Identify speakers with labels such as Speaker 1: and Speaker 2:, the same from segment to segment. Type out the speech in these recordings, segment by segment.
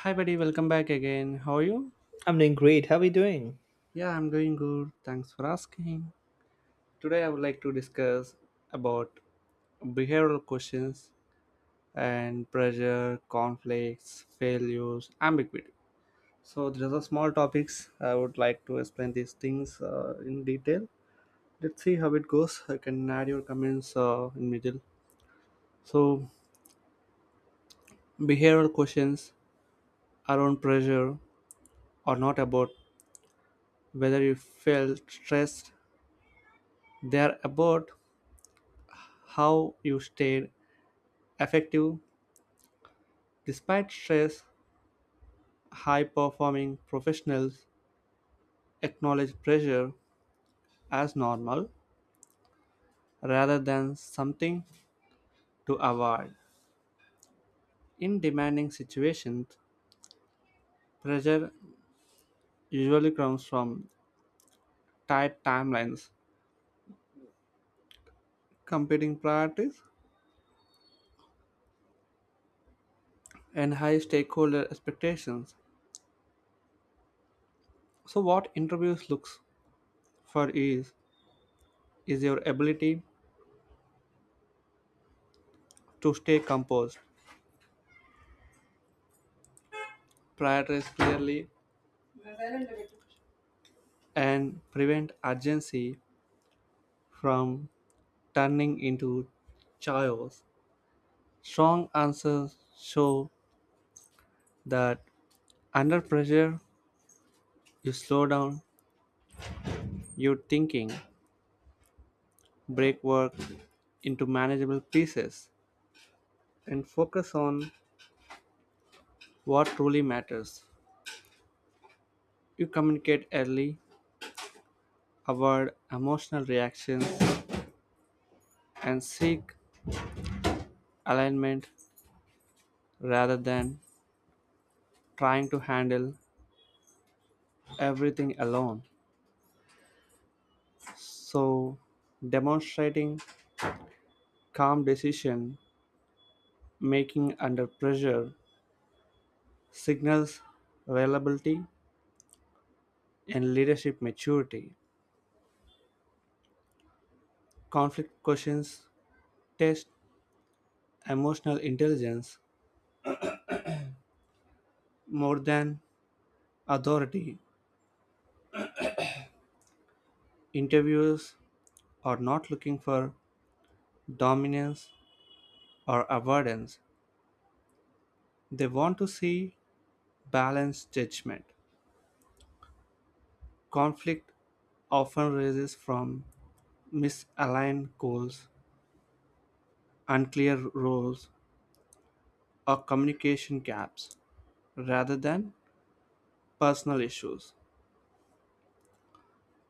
Speaker 1: Hi, buddy. Welcome back again. How are you?
Speaker 2: I'm doing great. How are you doing?
Speaker 1: Yeah, I'm doing good. Thanks for asking. Today, I would like to discuss about behavioral questions and pressure, conflicts, failures, ambiguity. So these are the small topics. I would like to explain these things in detail. Let's see how it goes. I can add your comments in middle. So, behavioral questions around pressure are not about whether you felt stressed. They are about how you stayed effective despite stress. High performing professionals acknowledge pressure as normal rather than something to avoid. In demanding situations, pressure usually comes from tight timelines, competing priorities, and high stakeholder expectations. So, what interviews looks for is your ability to stay composed, prioritize clearly, and prevent urgency from turning into chaos. Strong answers show that under pressure, you slow down your thinking, break work into manageable pieces, and focus on what truly matters. You communicate early, avoid emotional reactions, and seek alignment rather than trying to handle everything alone. So, demonstrating calm decision making under pressure signals reliability and leadership maturity. Conflict questions test emotional intelligence more than authority. Interviewers are not looking for dominance or avoidance, they want to see balanced judgment. Conflict often arises from misaligned goals, unclear roles, or communication gaps rather than personal issues.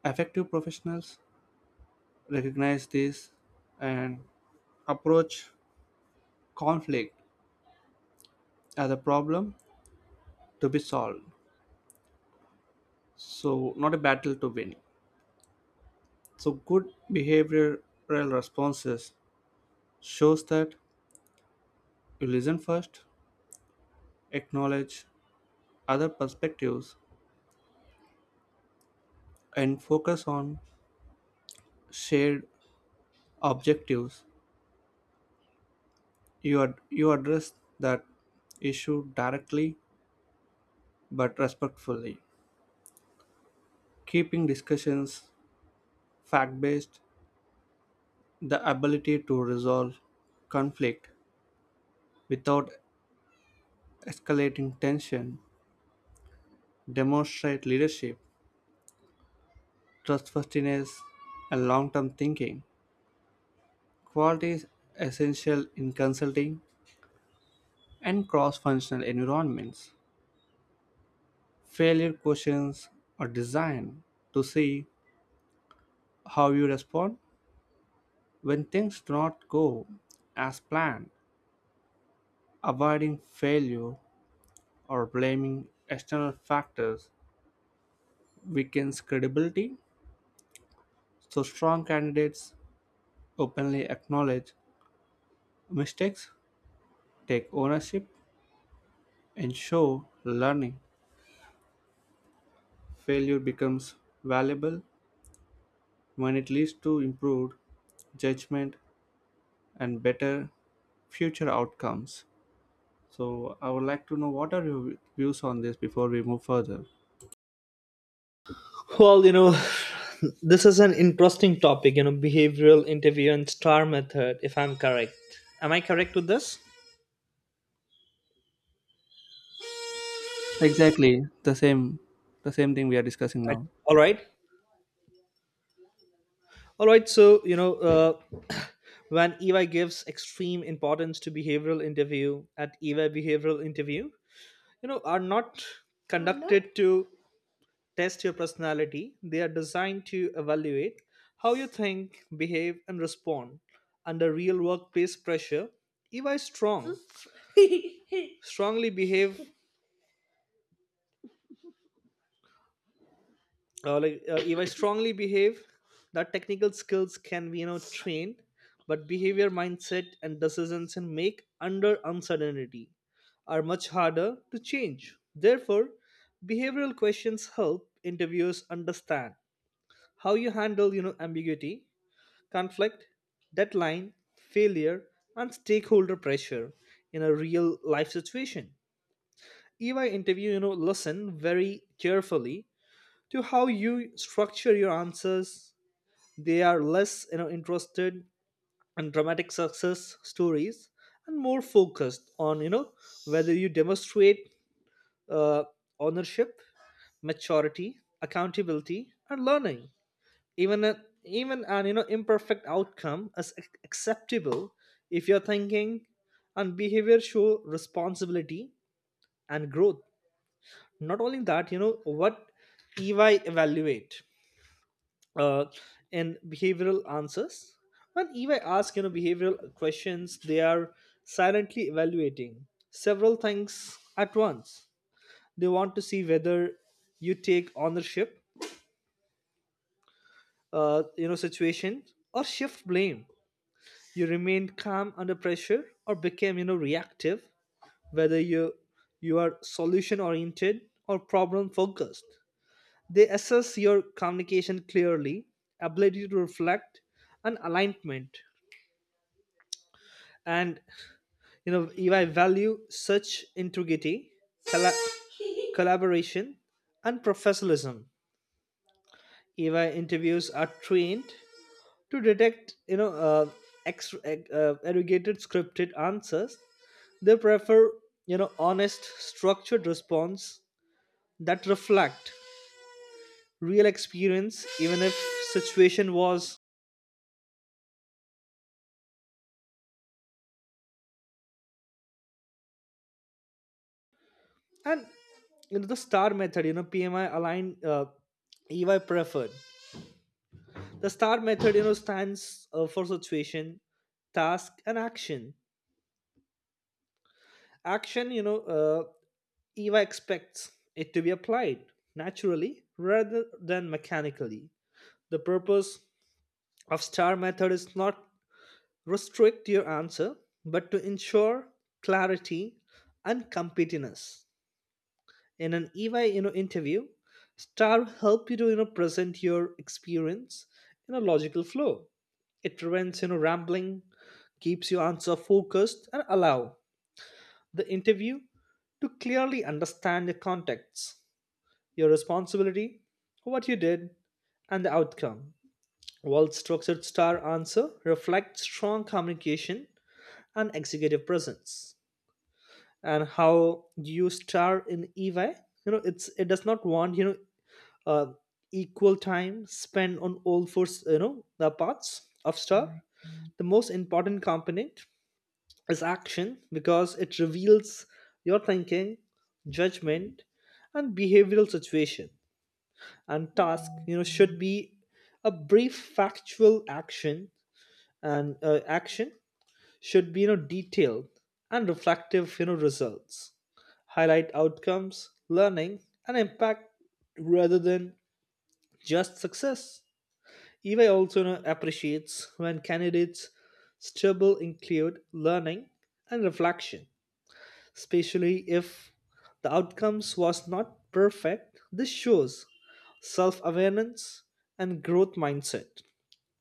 Speaker 1: Effective professionals recognize this and approach conflict as a problem to be solved, so not a battle to win. So good behavioral responses shows that you listen first, acknowledge other perspectives, and focus on shared objectives. You address that issue directly but respectfully, keeping discussions fact based. The ability to resolve conflict without escalating tension, demonstrate leadership, trustworthiness, and long term thinking. Qualities essential in consulting and cross functional environments. Failure questions are designed to see how you respond when things do not go as planned. Avoiding failure or blaming external factors weakens credibility. So strong candidates openly acknowledge mistakes, take ownership, and show learning. Failure becomes valuable when it leads to improved judgment and better future outcomes. So I would like to know what are your views on this before we move further.
Speaker 2: Well, this is an interesting topic, behavioral interview and STAR method, if I'm correct. Am I correct with this?
Speaker 1: Exactly the same thing we are discussing
Speaker 2: Right.
Speaker 1: now.
Speaker 2: All right. All right. So, when EY gives extreme importance to behavioral interview at EY behavioral interview, are not conducted to test your personality. They are designed to evaluate how you think, behave, and respond under real workplace pressure. If I strong, strongly behave, like if I strongly behave, that technical skills can be trained, but behavior, mindset, and decisions and make under uncertainty are much harder to change. Therefore, behavioral questions help interviewers understand how you handle ambiguity, conflict, deadline, failure, and stakeholder pressure in a real life situation. EY interview, listen very carefully to how you structure your answers. They are less, interested in dramatic success stories, and more focused on, whether you demonstrate uh, ownership, maturity, accountability, and learning. Even a, even an imperfect outcome is acceptable if your thinking and behavior show responsibility and growth, not only that. You know what EY evaluate uh, in behavioral answers. When EY ask behavioral questions, they are silently evaluating several things at once. They want to see whether you take ownership situation, or shift blame. You remained calm under pressure, or became reactive. Whether you are solution oriented, or problem focused. They assess your communication clearly, ability to reflect and alignment. And if I value such integrity, colla- collaboration and professionalism. EY interviews are trained to detect, arrogated scripted answers. They prefer, honest, structured response that reflect real experience, even if situation was. And the STAR method. PMI aligned, EY preferred. The STAR method, stands for situation, task, and action. Action, EY expects it to be applied naturally rather than mechanically. The purpose of STAR method is not restrict your answer, but to ensure clarity and competence. In an EY interview, STAR will help you to present your experience in a logical flow. It prevents rambling, keeps your answer focused, and allow the interview to clearly understand your context, your responsibility, what you did, and the outcome. Well structured STAR answer reflects strong communication and executive presence, and how you star in EY. It's it does not want uh, equal time spent on all four, the parts of STAR. The most important component is action, because it reveals your thinking, judgment, and behavioral situation. And task, should be a brief factual action, and action should be detailed and reflective. You know, results highlight outcomes, learning, and impact, rather than just success. EY also, appreciates when candidates struggle, include learning and reflection, especially if the outcomes was not perfect. This shows self-awareness and growth mindset,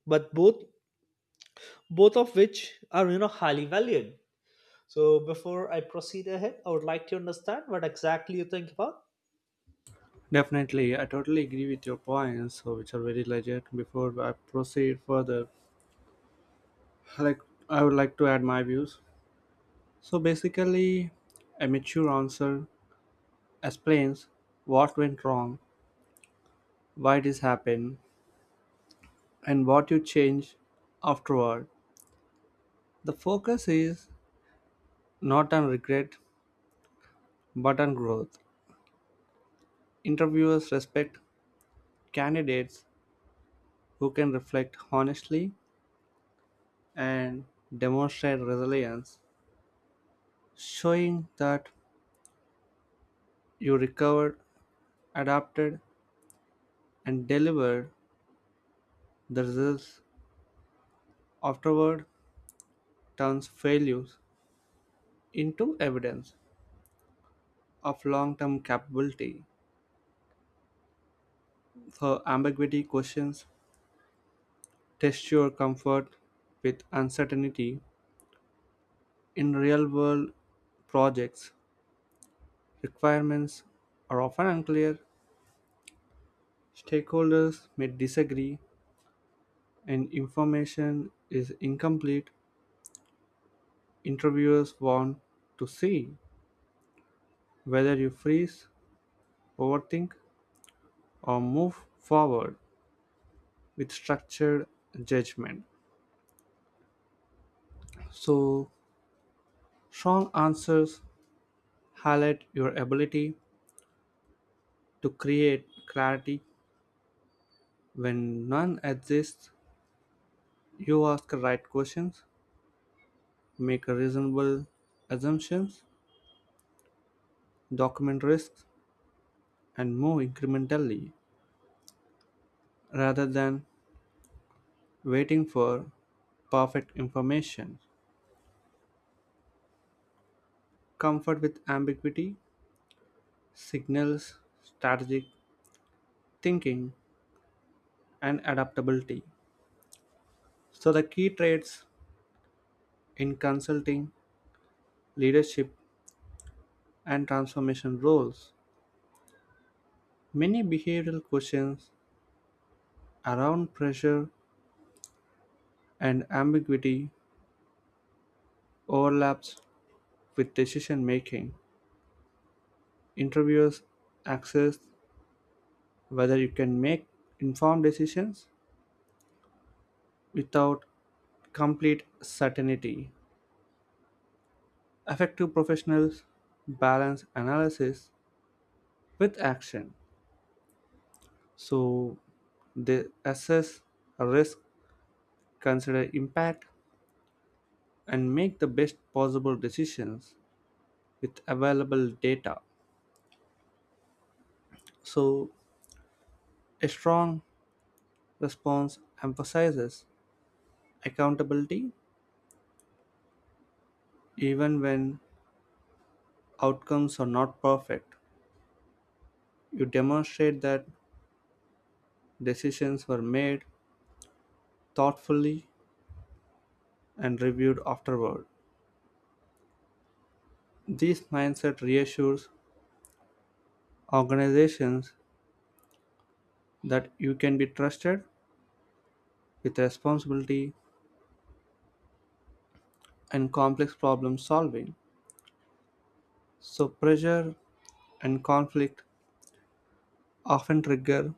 Speaker 2: but both of which are highly valued. So before I proceed ahead, I would like to understand what exactly you think about.
Speaker 1: Definitely, I totally agree with your points, so which are very legit. Before I proceed further, like, I would like to add my views. So basically, a mature answer explains what went wrong, why this happened, and what you change afterward. The focus is not on regret but on growth. Interviewers respect candidates who can reflect honestly and demonstrate resilience, showing that you recovered, adapted, and delivered the results afterward turns failures into evidence of long term capability. So, ambiguity questions test your comfort with uncertainty. In real world projects, requirements are often unclear, stakeholders may disagree, and information is incomplete. Interviewers want to see whether you freeze, overthink, or move forward with structured judgment. So, strong answers highlight your ability to create clarity when none exists. You ask the right questions, make reasonable assumptions, document risks, and move incrementally rather than waiting for perfect information. Comfort with ambiguity signals strategic thinking and adaptability. So, the key traits in consulting, leadership, and transformation roles. Many behavioral questions around pressure, and ambiguity overlaps with decision-making. Interviewers assess whether you can make informed decisions without complete certainty. Effective professionals balance analysis with action, so they assess risk, consider impact, and make the best possible decisions with available data. So, a strong response emphasizes accountability. Even when outcomes are not perfect, you demonstrate that decisions were made thoughtfully and reviewed afterward. This mindset reassures organizations that you can be trusted with responsibility and complex problem solving. So, pressure and conflict often trigger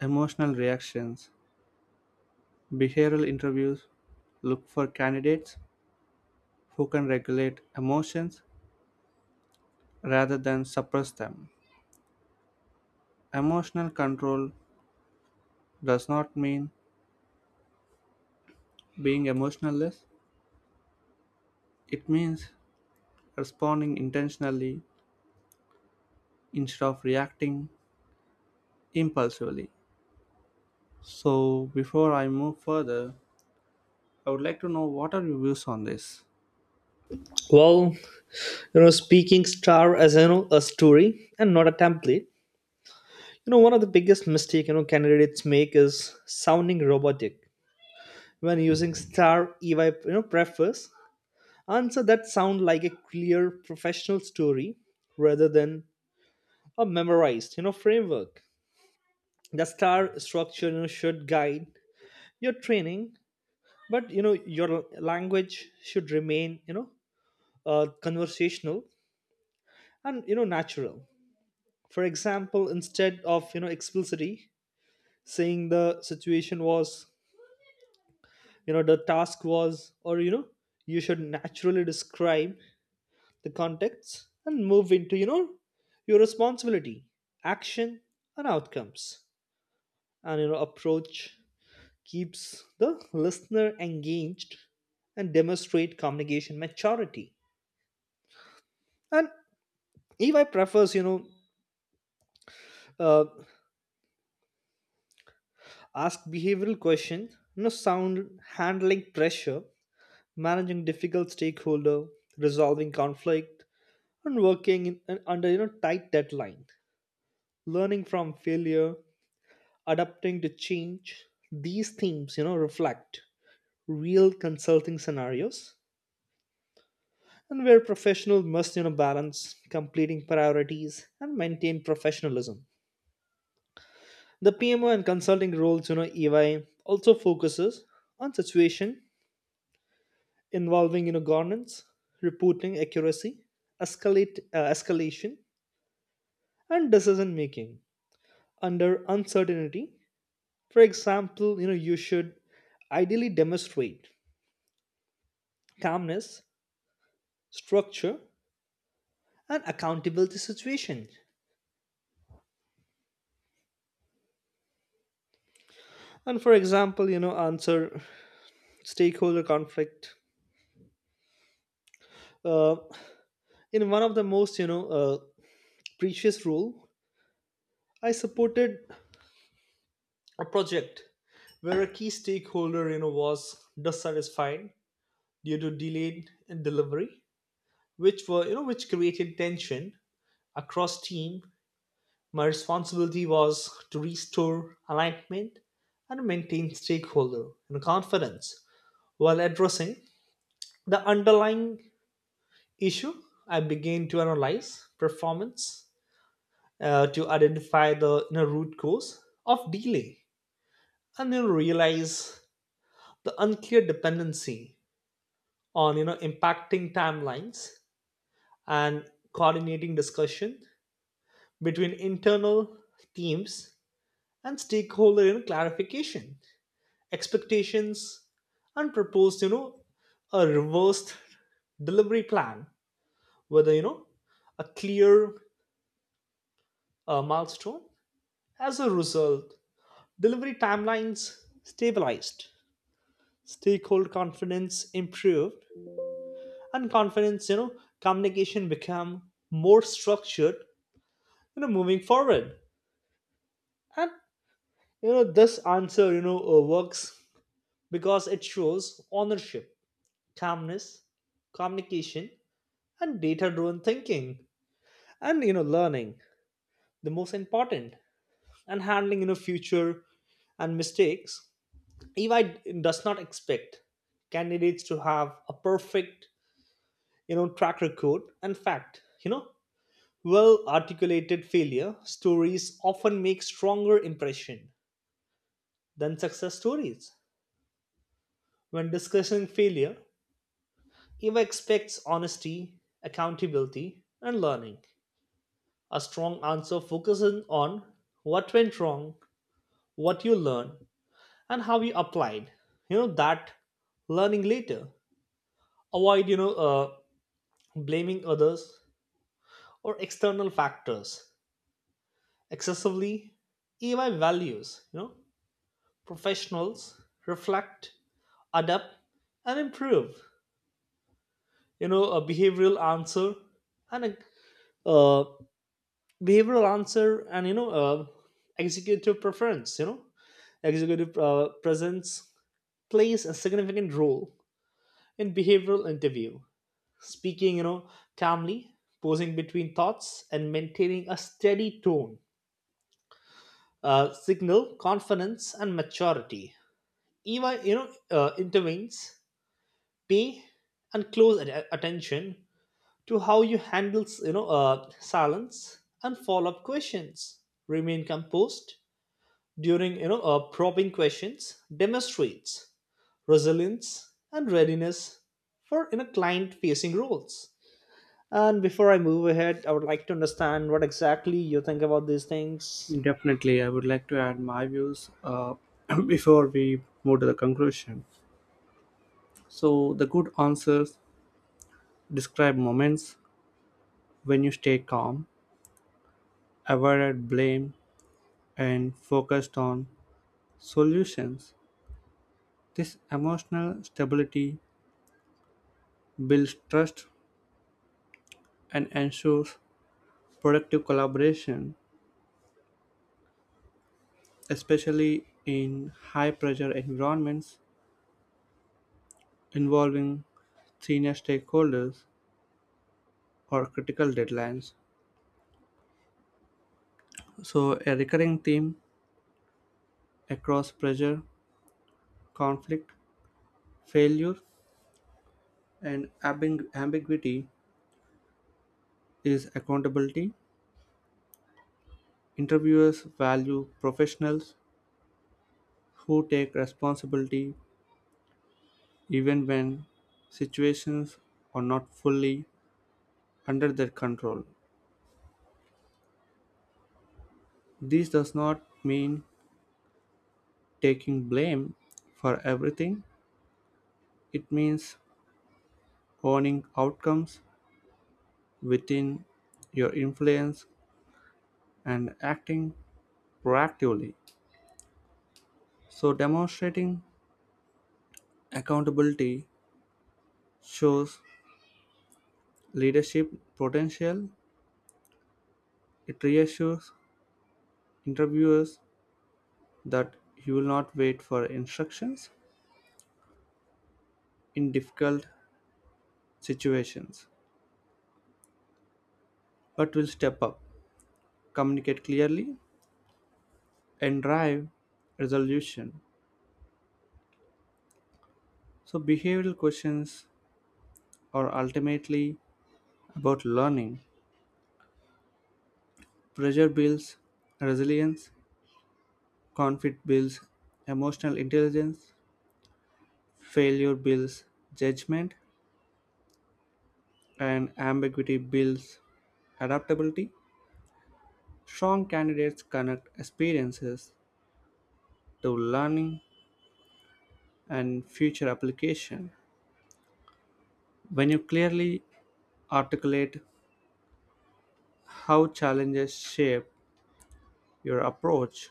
Speaker 1: emotional reactions. Behavioral interviews look for candidates who can regulate emotions rather than suppress them. Emotional control does not mean being emotionless, it means responding intentionally instead of reacting impulsively. So, before I move further, I would like to know what are your views on this?
Speaker 2: Well, speaking STAR as a story and not a template. One of the biggest mistake candidates make is sounding robotic when using STAR. EY preface answer that sound like a clear professional story, rather than a memorized framework. The STAR structure, should guide your training, but your language should remain conversational and natural. For example, instead of explicitly saying the situation was, the task was, or you should naturally describe the context and move into your responsibility, action, and outcomes. And approach keeps the listener engaged and demonstrate communication maturity. And EY prefers, uh, Ask behavioral questions, sound handling pressure, managing difficult stakeholder, resolving conflict, and working in, under tight deadline, learning from failure, adapting to change. These themes reflect real consulting scenarios, and where professionals must balance completing priorities and maintain professionalism. The PMO and consulting roles, EY also focuses on situation involving governance, reporting accuracy, escalate escalation, and decision making under uncertainty. For example, you should ideally demonstrate calmness, structure, and accountability situation. And for example, answer stakeholder conflict. Uh, in one of the most previous role, I supported a project where a key stakeholder was dissatisfied due to delayed delivery, which were you know which created tension across team. My responsibility was to restore alignment and maintain stakeholder and confidence, while addressing the underlying issue. I began to analyze performance to identify the root cause of delay, and then realize the unclear dependency on impacting timelines, and coordinating discussion between internal teams and stakeholder in clarification expectations, and proposed a reversed delivery plan whether a clear milestone. As a result, delivery timelines stabilized, stakeholder confidence improved, and confidence, communication become more structured, moving forward. And this answer works, because it shows ownership, calmness, communication, and data-driven thinking, and, learning. The most important, and handling future and mistakes. EY does not expect candidates to have a perfect track record. In fact, well-articulated failure stories often make stronger impression than success stories. When discussing failure, Eva expects honesty, accountability, and learning. A strong answer focuses on what went wrong, what you learned, and how you applied. You know that learning later. Avoid blaming others or external factors excessively. Eva values professionals reflect, adapt, and improve. A behavioral answer and a behavioral answer, and executive preference, executive presence plays a significant role in behavioral interview. Speaking calmly, pausing between thoughts and maintaining a steady tone, signal confidence and maturity. Eva intervenes pay and close attention to how you handle silence and follow-up questions. Remain composed during probing questions demonstrates resilience and readiness for client facing roles. And before I move ahead, I would like to understand what exactly you think about these things.
Speaker 1: Definitely, I would like to add my views before we move to the conclusion. So, the good answers describe moments when you stay calm, avoided blame, and focused on solutions. This emotional stability builds trust and ensures productive collaboration, especially in high pressure environments involving senior stakeholders or critical deadlines. So, a recurring theme across pressure, conflict, failure, and ambiguity is accountability. Interviewers value professionals who take responsibility even when situations are not fully under their control. This does not mean taking blame for everything, it means owning outcomes within your influence and acting proactively. So, demonstrating accountability shows leadership potential. It reassures interviewers that you will not wait for instructions in difficult situations, but will step up, communicate clearly, and drive resolution. So, behavioral questions are ultimately about learning. Pressure builds resilience, conflict builds emotional intelligence, failure builds judgment, and ambiguity builds adaptability. Strong candidates connect experiences to learning and future application. When you clearly articulate how challenges shape your approach,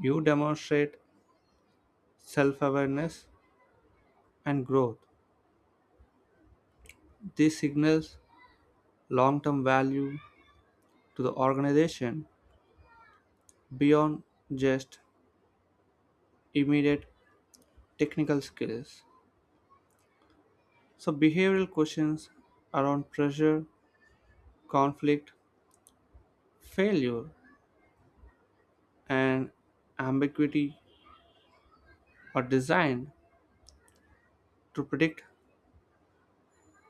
Speaker 1: you demonstrate self-awareness and growth. This signals long-term value to the organization beyond just immediate technical skills. So behavioral questions around pressure, conflict, failure, and ambiguity are designed to predict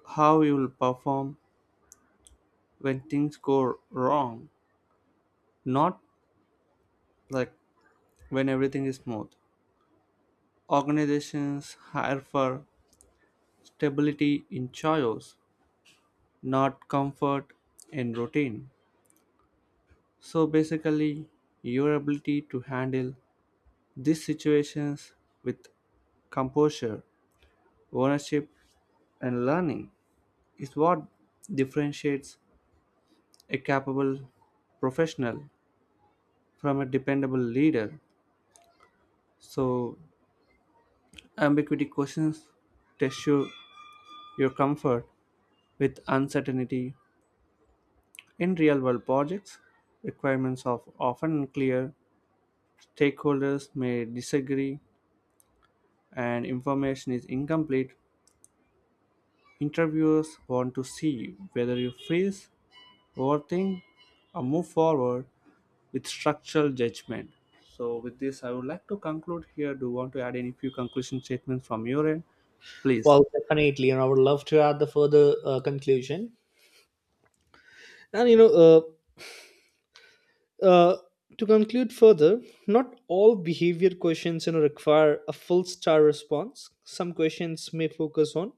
Speaker 1: how you will perform when things go wrong, not like when everything is smooth. Organizations hire for stability in chaos, not comfort in routine. So basically, your ability to handle these situations with composure, ownership, and learning is what differentiates a capable professional from a dependable leader. So, ambiguity questions test you, your comfort with uncertainty. In real-world projects, requirements are often unclear, stakeholders may disagree, and information is incomplete. Interviewers want to see whether you freeze, overthink, or move forward with structural judgment. So, with this, I would like to conclude here. Do you want to add any few conclusion statements from your end? Please.
Speaker 2: Well, definitely, and I would love to add the further conclusion. And uh, to conclude further, not all behavior questions require a full STAR response. Some questions may focus on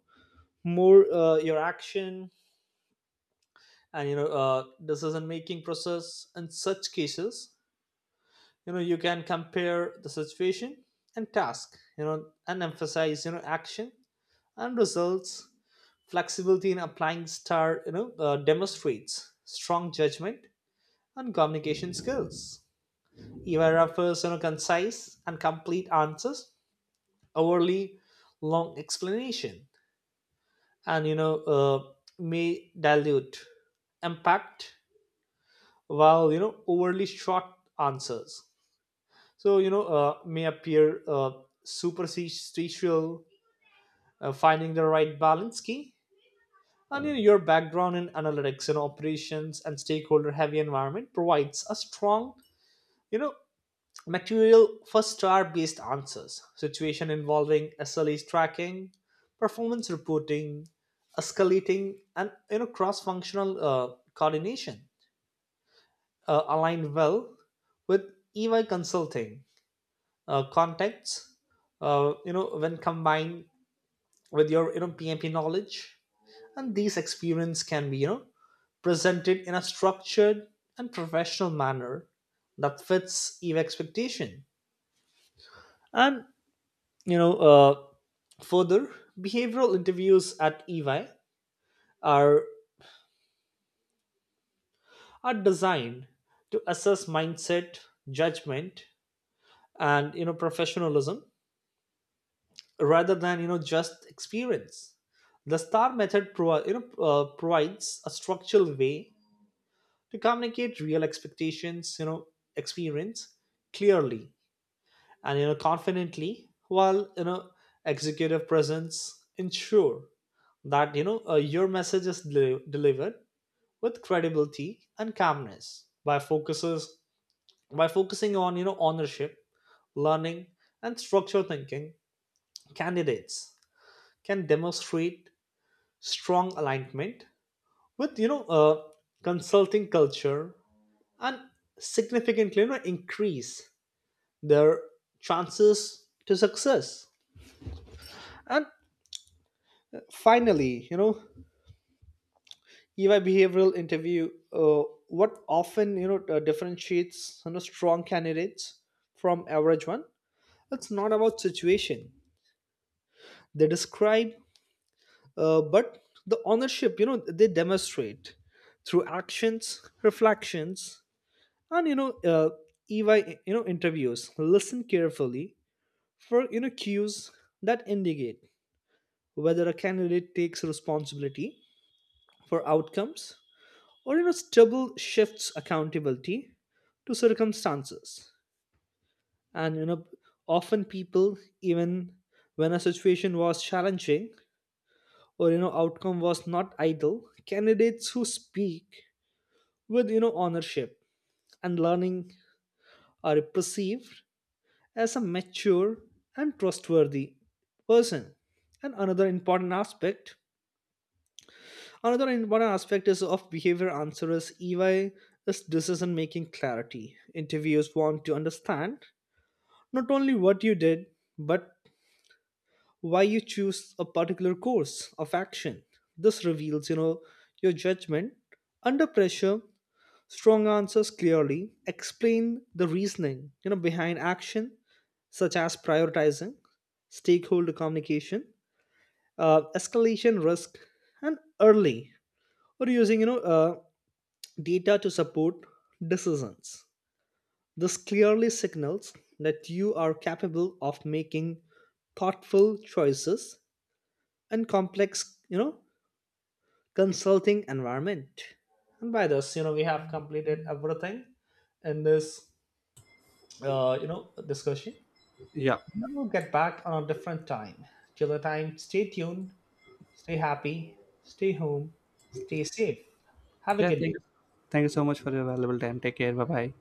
Speaker 2: more your action, and decision making process. In such cases, you can compare the situation and task, and emphasize action and results. Flexibility in applying STAR demonstrates strong judgment and communication skills. Eva offers concise and complete answers. Overly long explanation, and may dilute impact, while overly short answers, so may appear superstitial. Finding the right balance key. And, your background in analytics and operations and stakeholder heavy environment provides a strong you know material for STAR based answers. Situation involving sles tracking, performance reporting, escalating, and cross functional coordination align well with EY Consulting contexts. When combined with your PMP knowledge, and these experience can be presented in a structured and professional manner that fits Eve expectation. And you know uh, further, behavioral interviews at EY are are designed to assess mindset, judgment, and professionalism, rather than just experience. The STAR method provides a structural way to communicate real expectations, experience clearly and confidently, while executive presence ensure that your message is delivered with credibility and calmness. By focuses by focusing on ownership, learning, and structural thinking, candidates can demonstrate strong alignment with consulting culture, and significantly, increase their chances to success. And finally, ui behavioral interview, what often differentiates strong candidates from average one. It's not about situation they describe, but the ownership they demonstrate through actions reflections, and EY interviews listen carefully for cues that indicate whether a candidate takes responsibility for outcomes, or stubble shifts accountability to circumstances. And often people, even when a situation was challenging or outcome was not ideal, candidates who speak with ownership and learning are perceived as a mature and trustworthy person. And another important aspect is of behavior answers EY is decision making clarity. Interviewers want to understand not only what you did, but why you choose a particular course of action. This reveals your judgment under pressure. Strong answers clearly explain the reasoning behind action, such as prioritizing, stakeholder communication, escalation risk, and early or using data to support decisions. This clearly signals that you are capable of making thoughtful choices in complex consulting environment. And by this, we have completed everything in this discussion.
Speaker 1: Yeah.
Speaker 2: And then we'll get back on a different time. Till the time, stay tuned, stay happy, stay home, stay safe. Have a
Speaker 1: Yeah.
Speaker 2: good day.
Speaker 1: Thank. Thank you so much for your valuable time. Take care. Bye bye.